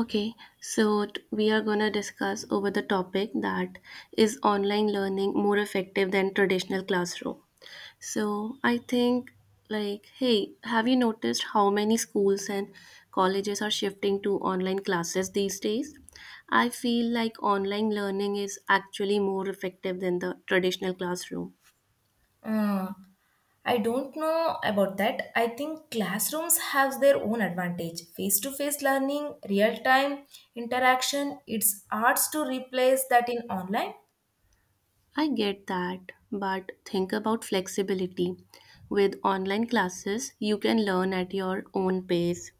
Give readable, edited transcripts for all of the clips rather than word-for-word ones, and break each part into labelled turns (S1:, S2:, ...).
S1: Okay, so we are going to discuss over the topic that is online learning more effective than traditional classroom. So I think, like, hey, have you noticed how many schools and colleges are shifting to online classes these days? I feel like online learning is actually more effective than the traditional classroom.
S2: Uh, I don't know about that. I think classrooms have their own advantage. Face to face learning, real time interaction, it's hard to replace that in online.
S1: I get that, but think about flexibility. With online classes, you can learn at your own pace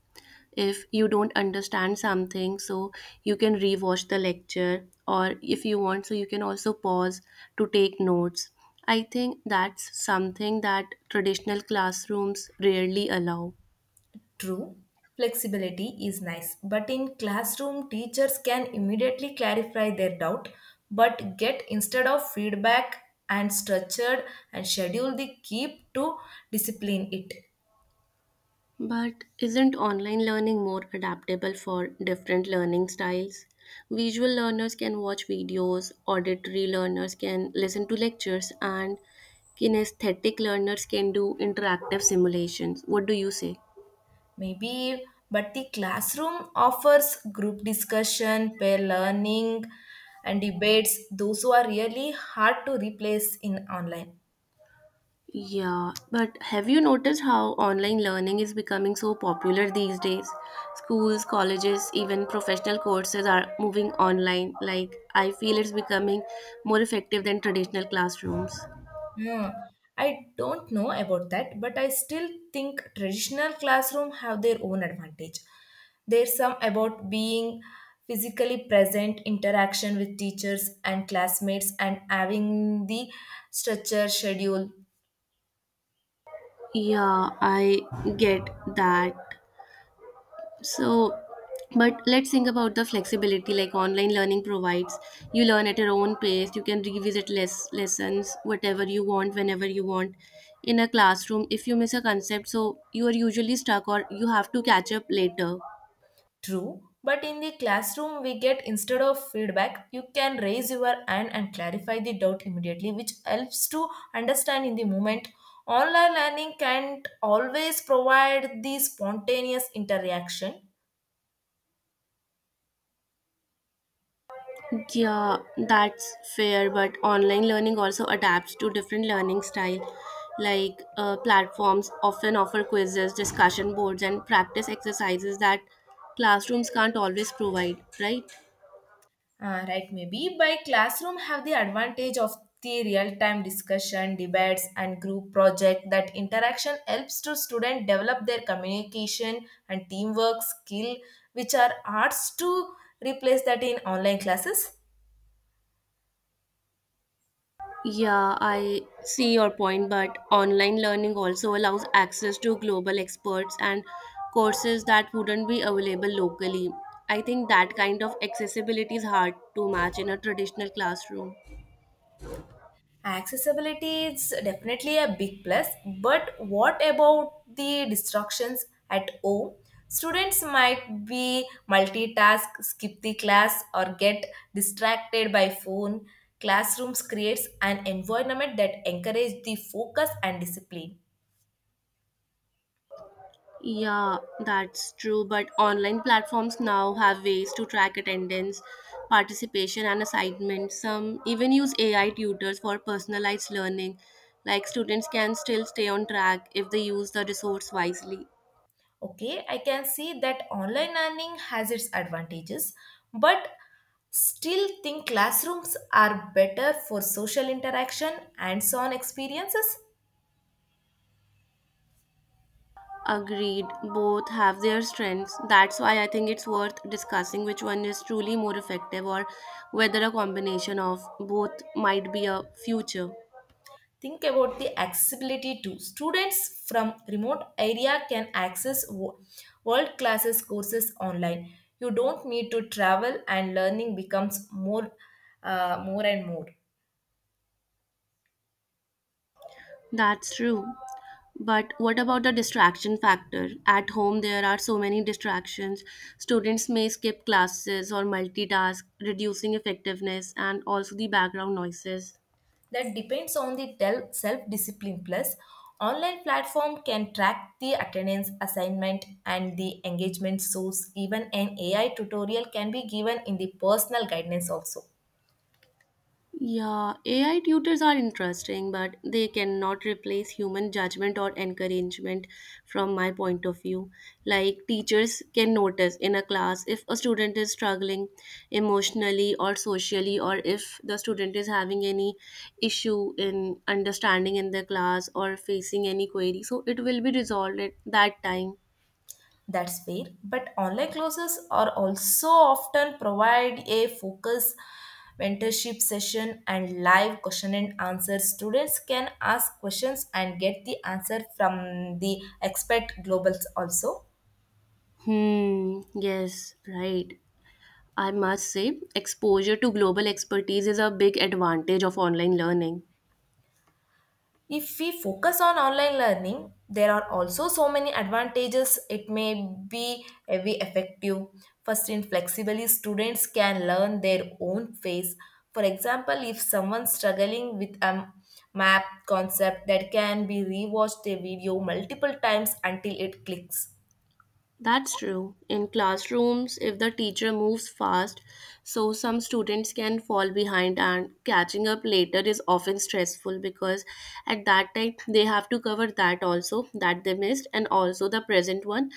S1: if you don't understand something so you can rewatch the lecture, or if you want so you can also pause to take notes. I think that's something that traditional classrooms rarely allow.
S2: True, flexibility is nice, but in classroom, teachers can immediately clarify their doubt, but get instead of feedback and structured and schedule the keep to discipline it.
S1: But isn't online learning more adaptable for different learning styles? Visual learners can watch videos, auditory learners can listen to lectures, and kinesthetic learners can do interactive simulations. What do you say?
S2: Maybe, but the classroom offers group discussion, peer learning, and debates. Those who are really hard to replace in online.
S1: Yeah, but have you noticed how online learning is becoming so popular these days? Schools, colleges, even professional courses are moving online. Like, I feel it's becoming more effective than traditional classrooms.
S2: Hmm. I don't know about that, but I still think traditional classroom have their own advantage. There's some about being physically present, interaction with teachers and classmates, and having the structure schedule.
S1: Yeah, I get that. So, but let's think about the flexibility like online learning provides. You learn at your own pace, you can revisit less lessons, whatever you want, whenever you want. In a classroom, if you miss a concept, so you are usually stuck or you have to catch up later.
S2: True, but in the classroom, we get instead of feedback, you can raise your hand and clarify the doubt immediately, which helps to understand in the moment. Online learning can't always provide the spontaneous interaction.
S1: Yeah, that's fair, but online learning also adapts to different learning style. Like platforms often offer quizzes, discussion boards, and practice exercises that classrooms can't always provide, right?
S2: Ah, right, maybe by classroom have the advantage of the real-time discussion, debates, and group project. That interaction helps to student develop their communication and teamwork skill, which are arts to replace that in online classes.
S1: Yeah, I see your point, but online learning also allows access to global experts and courses that wouldn't be available locally. I think that kind of accessibility is hard to match in a traditional classroom.
S2: Accessibility is definitely a big plus, but what about the distractions at home? Students might be multitask, skip the class, or get distracted by phone. Classrooms creates an environment that encourages the focus and discipline.
S1: Yeah, that's true, but online platforms now have ways to track attendance, participation, and assignments. Some even use AI tutors for personalized learning, like students can still stay on track if they use the resource wisely.
S2: Okay, I can see that online learning has its advantages, but still think classrooms are better for social interaction and so on experiences.
S1: Agreed. Both have their strengths. That's why I think it's worth discussing which one is truly more effective or whether a combination of both might be a future.
S2: Think about the accessibility too. Students from remote area can access world classes courses online. You don't need to travel, and learning becomes more and more.
S1: That's true. But what about the distraction factor? At home, there are so many distractions. Students may skip classes or multitask, reducing effectiveness and also the background noises.
S2: That depends on the self discipline. Plus, online platform can track the attendance, assignment, and the engagement source. Even an AI tutorial can be given in the personal guidance also.
S1: Yeah, AI tutors are interesting, but they cannot replace human judgment or encouragement from my point of view. Like, teachers can notice in a class if a student is struggling emotionally or socially, or if the student is having any issue in understanding in the class or facing any query. So, it will be resolved at that time.
S2: That's fair. But online classes are also often provide a focus mentorship session and live question and answer. Students can ask questions and get the answer from the expert globals also.
S1: Hmm, yes, right. I must say, exposure to global expertise is a big advantage of online learning.
S2: If we focus on online learning, there are also so many advantages. It may be very effective. First, in flexibly, students can learn their own pace. For example, if someone's struggling with a map concept, that can be rewatched a video multiple times until it clicks.
S1: That's true. In classrooms, if the teacher moves fast, so some students can fall behind, and catching up later is often stressful because at that time they have to cover that also that they missed and also the present one.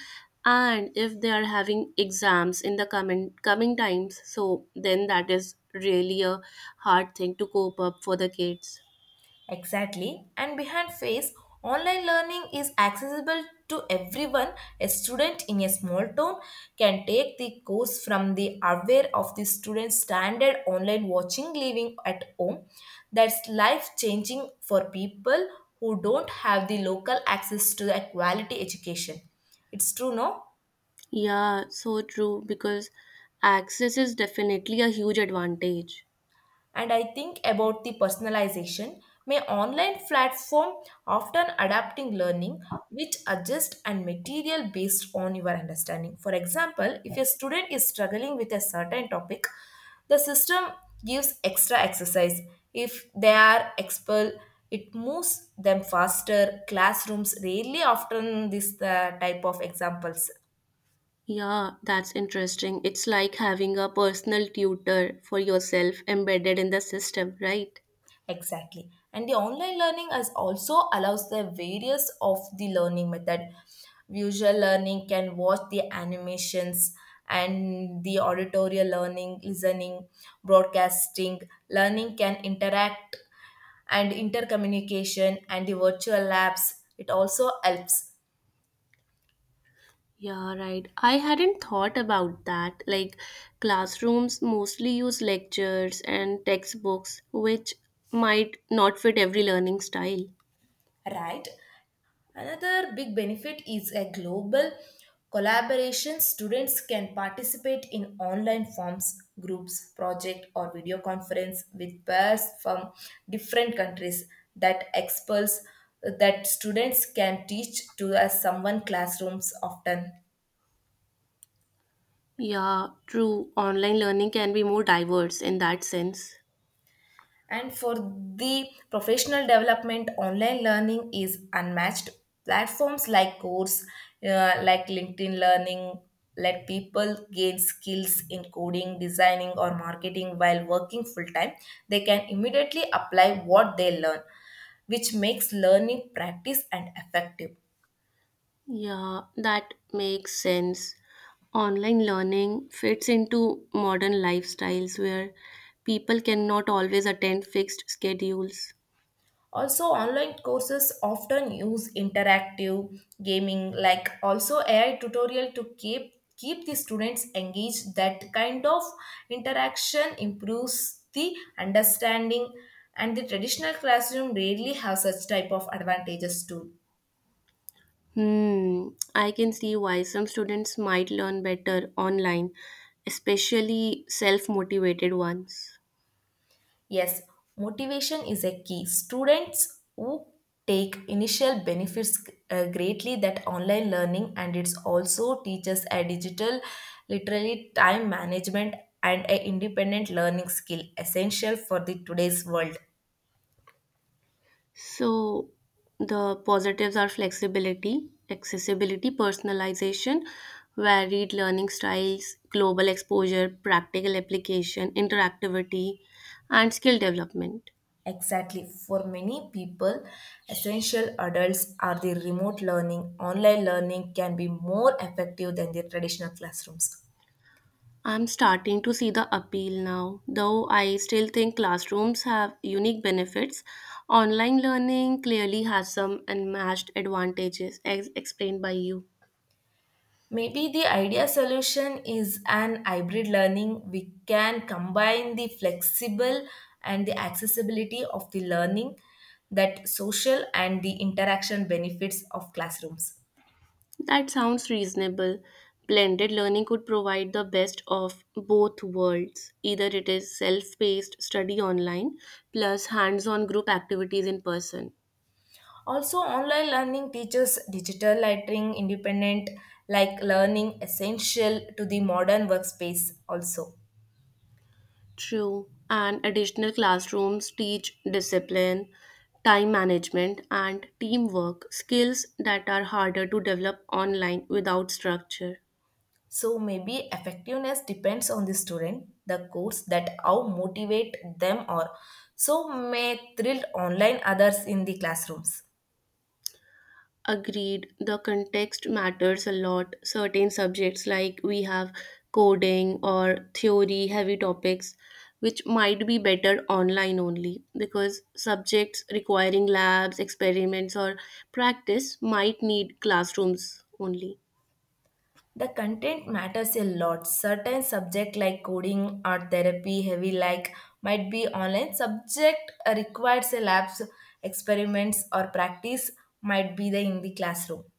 S1: And if they are having exams in the coming times, so then that is really a hard thing to cope up for the kids.
S2: Exactly. And behind face, online learning is accessible to everyone. A student in a small town can take the course from the aware of the student's standard online watching living at home. That's life changing for people who don't have the local access to the quality education. It's true, no?
S1: Yeah, so true because access is definitely a huge advantage.
S2: And I think about the personalization, may online platform often adapting learning which adjust and material based on your understanding. For example, if a student is struggling with a certain topic, the system gives extra exercise. If they are expelled, it moves them faster. Classrooms rarely often this type of examples.
S1: Yeah, that's interesting. It's like having a personal tutor for yourself embedded in the system, right?
S2: Exactly. And the online learning as also allows the various of the learning method. Visual learning can watch the animations and the auditorial learning, listening, broadcasting, learning can interact and intercommunication and the virtual labs. It also helps,
S1: Yeah, right. I hadn't thought about that. Like, classrooms mostly use lectures and textbooks, which might not fit every learning style.
S2: right? Another big benefit is a global collaboration. Students can participate in online forms, groups, project, or video conference with peers from different countries that experts that students can teach to as someone classrooms often.
S1: Yeah, true. Online learning can be more diverse in that sense.
S2: And for the professional development, online learning is unmatched. Platforms like Course, like LinkedIn Learning, let people gain skills in coding, designing, or marketing while working full time. They can immediately apply what they learn, which makes learning practice and effective.
S1: Yeah, that makes sense. Online learning fits into modern lifestyles where people cannot always attend fixed schedules.
S2: Also, online courses often use interactive gaming like also AI tutorial to keep the students engaged. That kind of interaction improves the understanding, and the traditional classroom rarely have such type of advantages too.
S1: Hmm, I can see why some students might learn better online, especially self motivated ones.
S2: Yes, motivation is a key. Students who take initial benefits greatly that online learning, and it's also teaches a digital literally time management and a independent learning skill essential for the today's world.
S1: So the positives are flexibility, accessibility, personalization, varied learning styles, global exposure, practical application, interactivity, and skill development.
S2: Exactly. For many people, essential adults are the remote learning. Online learning can be more effective than the traditional classrooms.
S1: I'm starting to see the appeal now. Though I still think classrooms have unique benefits, online learning clearly has some unmatched advantages, as explained by you.
S2: Maybe the ideal solution is an hybrid learning. We can combine the flexible and the accessibility of the learning, that social and the interaction benefits of classrooms.
S1: That sounds reasonable. Blended learning could provide the best of both worlds. Either it is self paced study online plus hands on group activities in person.
S2: Also, online learning teaches digital learning independent, like learning essential to the modern workspace, also.
S1: True. And additional classrooms teach discipline, time management, and teamwork skills that are harder to develop online without structure.
S2: So maybe effectiveness depends on the student, the course that how motivate them, or so may thrill online others in the classrooms.
S1: Agreed. The context matters a lot. Certain subjects, like we have coding or theory heavy topics, which might be better online only because subjects requiring labs, experiments, or practice might need classrooms only.
S2: The content matters a lot. Certain subject like coding or therapy heavy like might be online. Subject requires a labs, experiments or practice might be the in the classroom.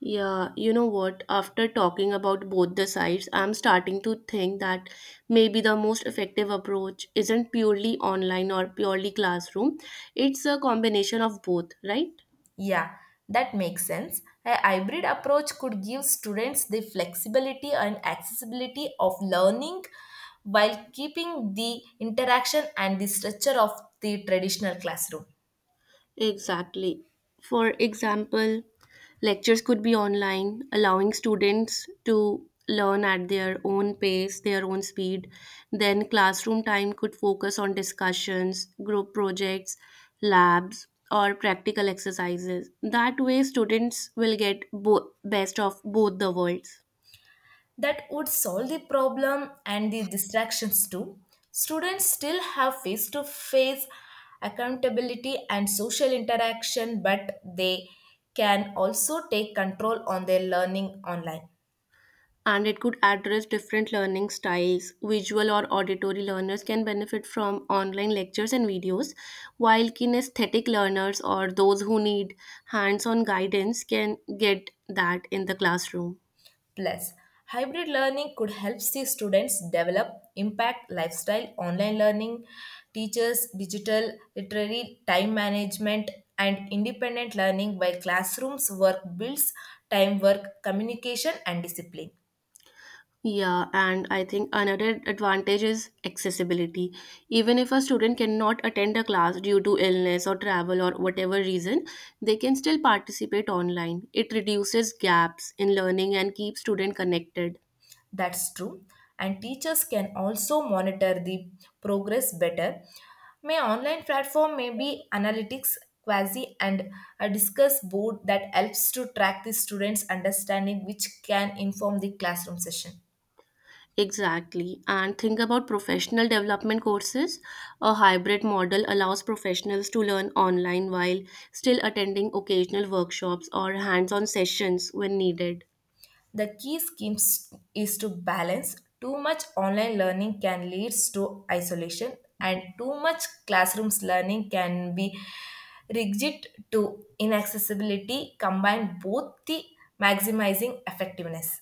S1: Yeah, you know what? After talking about both the sides, I'm starting to think that maybe the most effective approach isn't purely online or purely classroom. It's a combination of both, right?
S2: Yeah, that makes sense. A hybrid approach could give students the flexibility and accessibility of learning while keeping the interaction and the structure of the traditional classroom.
S1: Exactly. For example, lectures could be online, allowing students to learn at their own pace, their own speed. Then, classroom time could focus on discussions, group projects, labs, or practical exercises. That way, students will get best of both the worlds.
S2: That would solve the problem and the distractions too. Students still have face to face accountability and social interaction, but they can also take control on their learning online.
S1: And it could address different learning styles. Visual or auditory learners can benefit from online lectures and videos, while kinesthetic learners or those who need hands on guidance can get that in the classroom.
S2: Plus, hybrid learning could help the students develop impact lifestyle, online learning, teachers, digital literary, time management, and independent learning, while classrooms work builds teamwork, communication, and discipline.
S1: Yeah, and I think another advantage is accessibility. Even if a student cannot attend a class due to illness or travel or whatever reason, they can still participate online. It reduces gaps in learning and keeps student connected.
S2: That's true. And teachers can also monitor the progress better. May online platform may be analytics, quasi and a discuss board that helps to track the students' understanding, which can inform the classroom session.
S1: Exactly. And think about professional development courses. A hybrid model allows professionals to learn online while still attending occasional workshops or hands on sessions when needed.
S2: The is to balance. Too much online learning can lead to isolation, and too much classrooms learning can be rigid to inaccessibility. Combine both the maximizing effectiveness.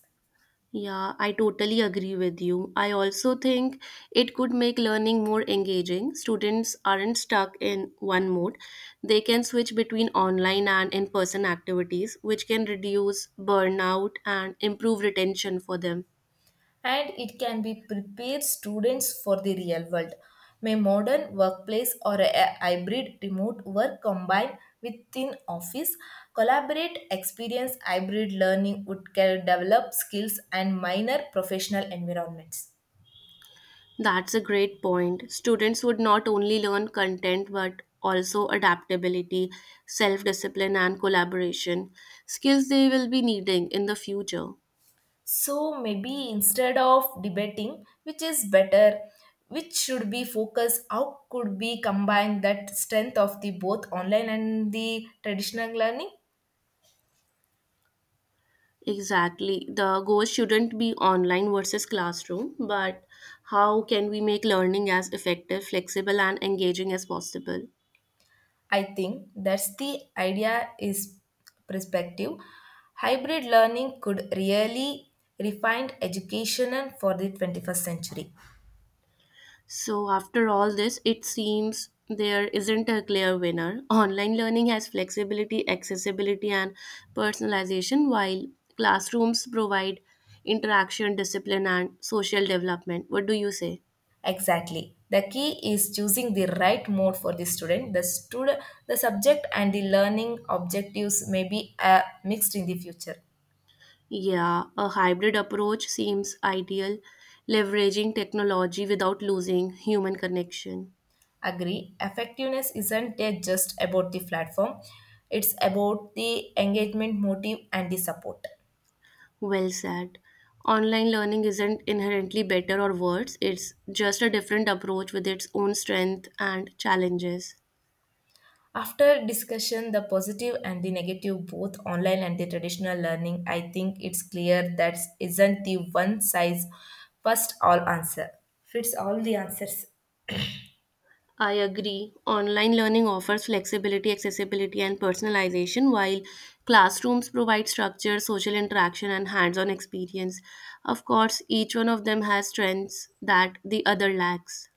S1: Yeah, I totally agree with you. I also think it could make learning more engaging. Students aren't stuck in one mode, they can switch between online and in person activities, which can reduce burnout and improve retention for them.
S2: And it can be prepared students for the real world. May modern workplace or a hybrid remote work combined within office collaborate experience hybrid learning would can develop skills and minor professional environments.
S1: That's a great point. Students would not only learn content but also adaptability, self discipline, and collaboration skills they will be needing in the future.
S2: So maybe instead of debating which is better, which should be focused, how could be combine that strength of the both online and the traditional learning?
S1: Exactly. The goal shouldn't be online versus classroom, but how can we make learning as effective, flexible, and engaging as possible?
S2: I think that's the idea is perspective. Hybrid learning could really refine education for the 21st century.
S1: So, after all this, it seems there isn't a clear winner. Online learning has flexibility, accessibility, and personalization, while classrooms provide interaction, discipline, and social development. What do you say?
S2: Exactly. The key is choosing the right mode for the student. The subject and the learning objectives may be mixed in the future.
S1: Yeah, a hybrid approach seems ideal, leveraging technology without losing human connection.
S2: Agree. Effectiveness isn't just about the platform. It's about the engagement motive and the support.
S1: Well said. Online learning isn't inherently better or worse, it's just a different approach with its own strength and challenges.
S2: After discussion, the positive and the negative, both online and the traditional learning, I think it's clear that isn't the one size first all answer fits all the answers.
S1: I agree. Online learning offers flexibility, accessibility, and personalization, while classrooms provide structure, social interaction, and hands on experience. Of course, each one of them has strengths that the other lacks.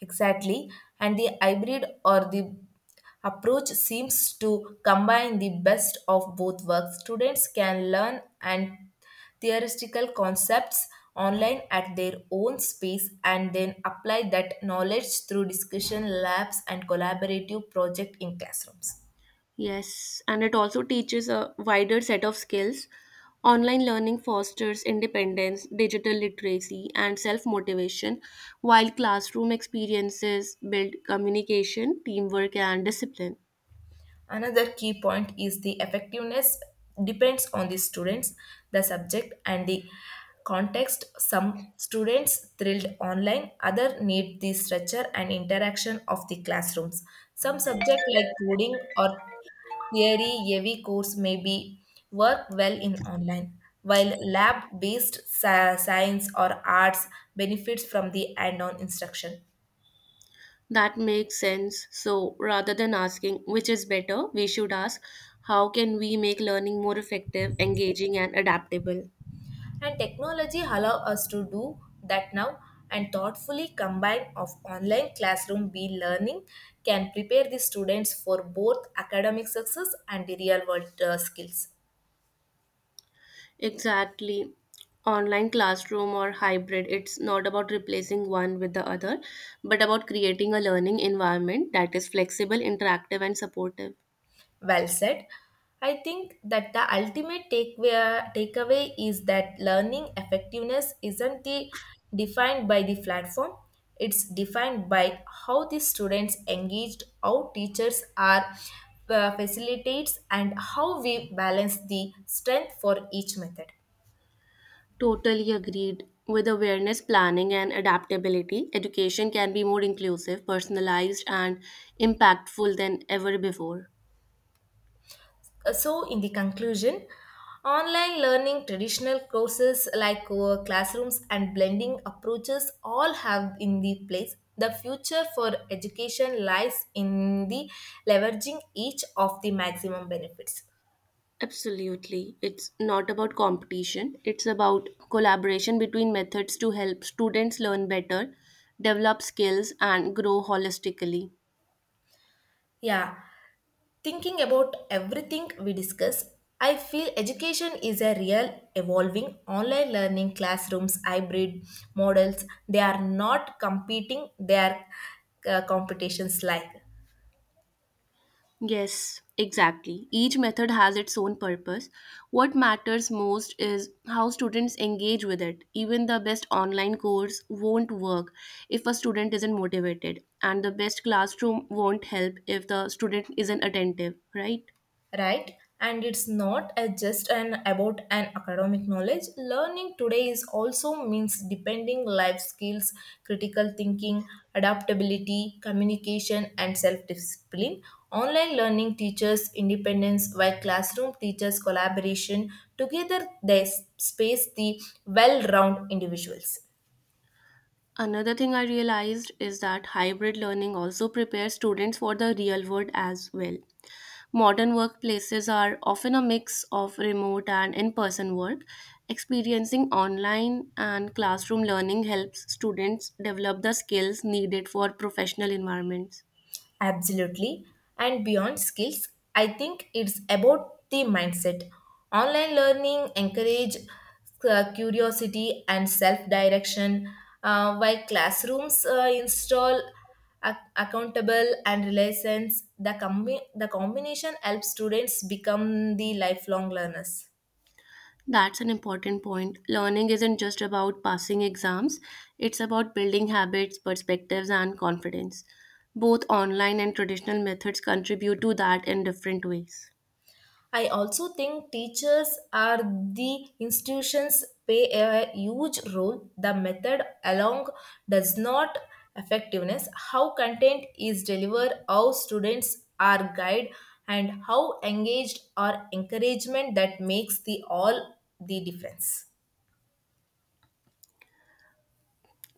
S2: Exactly, and the hybrid or the approach seems to combine the best of both worlds. Students can learn and theoretical concepts online at their own space and then apply that knowledge through discussion labs and collaborative project in classrooms.
S1: Yes, and it also teaches a wider set of skills. Online learning fosters independence, digital literacy, and self motivation, while classroom experiences build communication, teamwork, and discipline.
S2: Another key point is the effectiveness depends on the students, the subject, and the context. Some students thrilled online, other need the structure and interaction of the classrooms. Some subjects like coding or theory heavy course may be work well in online, while lab based science or arts benefits from the hand on instruction.
S1: That makes sense. So, rather than asking which is better, we should ask how can we make learning more effective, engaging, and adaptable?
S2: And technology allow us to do that now and thoughtfully combine of online classroom be learning can prepare the students for both academic success and the real world skills.
S1: Exactly. Online classroom or hybrid, it's not about replacing one with the other, but about creating a learning environment that is flexible, interactive, and supportive.
S2: Well said. I think that the ultimate takeaway is that learning effectiveness isn't the, defined by the platform, it's defined by how the students engaged, how teachers are facilitates, and how we balance the strength for each method.
S1: Totally agreed. With awareness, planning, and adaptability, education can be more inclusive, personalized, and impactful than ever before.
S2: So, in the conclusion, online learning, traditional courses like classrooms, and blending approaches all have in the place. The future for education lies in the leveraging each of the maximum benefits.
S1: Absolutely. It's not about competition, it's about collaboration between methods to help students learn better, develop skills, and grow holistically.
S2: Yeah, thinking about everything we discuss, I feel education is a real evolving online learning classrooms, hybrid models. They are not competing, they are competitions like.
S1: Yes, exactly. Each method has its own purpose. What matters most is how students engage with it. Even the best online course won't work if a student isn't motivated, and the best classroom won't help if the student isn't attentive, right?
S2: Right, and it's not a just an about an academic knowledge. Learning today is also means depending life skills, critical thinking, adaptability, communication, and self discipline. Online learning teaches independence while classroom teaches collaboration. Together they space the well round individuals.
S1: Another thing I realized is that hybrid learning also prepares students for the real world as well. Modern workplaces are often a mix of remote and in person work. Experiencing online and classroom learning helps students develop the skills needed for professional environments.
S2: Absolutely. And beyond skills, I think it's about the mindset. Online learning encourage curiosity and self-direction, while classrooms install accountable and relations. The combination helps students become the lifelong learners.
S1: That's an important point. Learning isn't just about passing exams, it's about building habits, perspectives, and confidence. Both online and traditional methods contribute to that in different ways.
S2: I also think teachers are the institutions play a huge role. The method along does not effectiveness, how content is delivered, how students are guided, and how engaged or encouragement that makes the all the difference.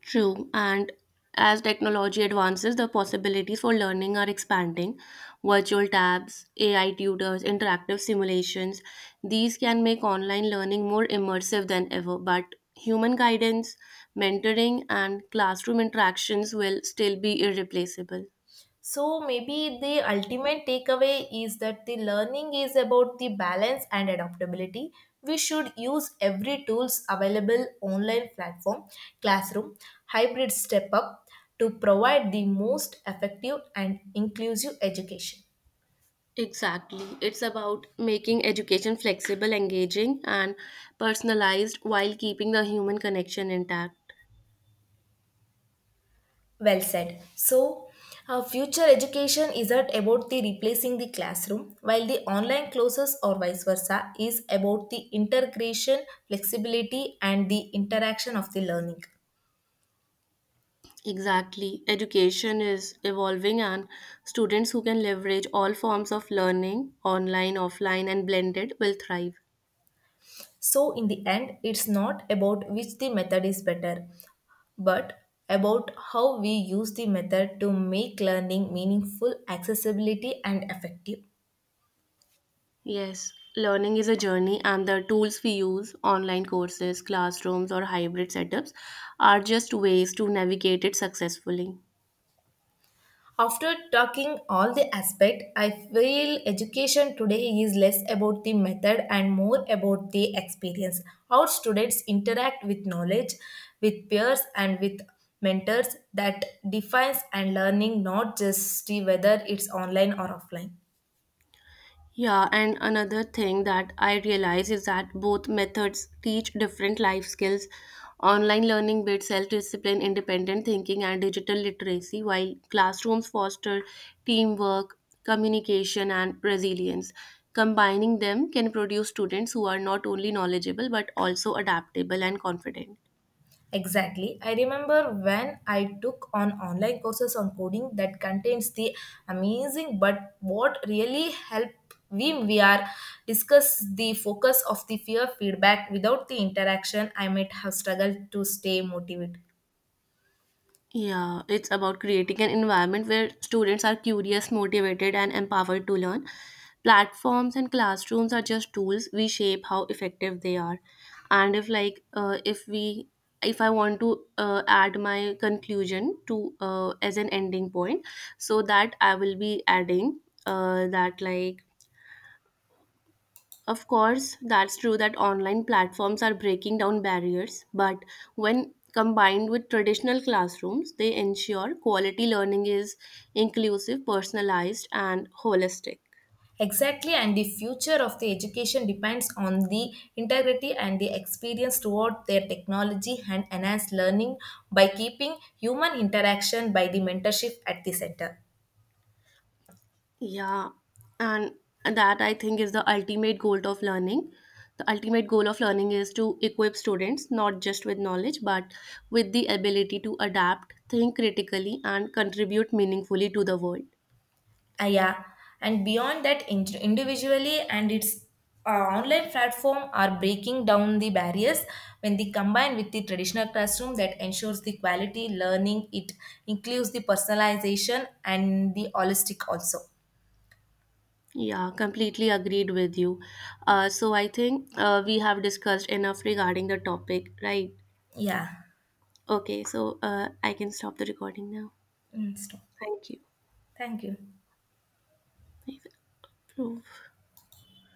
S1: True, and as technology advances, the possibilities for learning are expanding. Virtual tabs, AI tutors, interactive simulations, these can make online learning more immersive than ever. But human guidance, mentoring, and classroom interactions will still be irreplaceable.
S2: So maybe the ultimate takeaway is that the learning is about the balance and adaptability. We should use every tools available online platform, classroom, hybrid step up to provide the most effective and inclusive education.
S1: Exactly. It's about making education flexible, engaging, and personalized while keeping the human connection intact.
S2: Well said. So, future education isn't about the replacing the classroom, while the online classes or vice versa is about the integration, flexibility, and the interaction of the learning.
S1: Exactly. Education is evolving, and students who can leverage all forms of learning, online, offline, and blended, will thrive.
S2: So, in the end, it's not about which the method is better, but about how we use the method to make learning meaningful, accessibility, and effective.
S1: Yes, learning is a journey, and the tools we use, online courses, classrooms, or hybrid setups, are just ways to navigate it successfully.
S2: After talking all the aspect, I feel education today is less about the method and more about the experience. How students interact with knowledge, with peers, and with mentors that defines and learning, not just the whether it's online or offline.
S1: Yeah, and another thing that I realize is that both methods teach different life skills. Online learning builds self discipline, independent thinking, and digital literacy, while classrooms foster teamwork, communication, and resilience. Combining them can produce students who are not only knowledgeable but also adaptable and confident.
S2: Exactly. I remember when I took on online courses on coding that contains the amazing, but what really helped we are discuss the focus of the fear feedback without the interaction I might have struggled to stay motivated.
S1: Yeah, it's about creating an environment where students are curious, motivated, and empowered to learn. Platforms and classrooms are just tools. We shape how effective they are. And if like if we, if I want to add my conclusion to, as an ending point, so that I will be adding that, like, of course, that's true that online platforms are breaking down barriers, but when combined with traditional classrooms, they ensure quality learning is inclusive, personalized, and holistic.
S2: Exactly, and the future of the education depends on the integrity and the experience toward their technology and enhanced learning by keeping human interaction by the mentorship at the center.
S1: Yeah, and that I think is the ultimate goal of learning. The ultimate goal of learning is to equip students not just with knowledge but with the ability to adapt, think critically, and contribute meaningfully to the world.
S2: Yeah, and beyond that, individually and its uh, online platform are breaking down the barriers when they combine with the traditional classroom that ensures the quality learning. It includes the personalization and the holistic also.
S1: Yeah, completely agreed with you. So I think we have discussed enough regarding the topic, right?
S2: Yeah.
S1: Okay, so I can stop the recording now.
S2: Mm, stop.
S1: Thank you.
S2: Thank you.
S1: I've approved.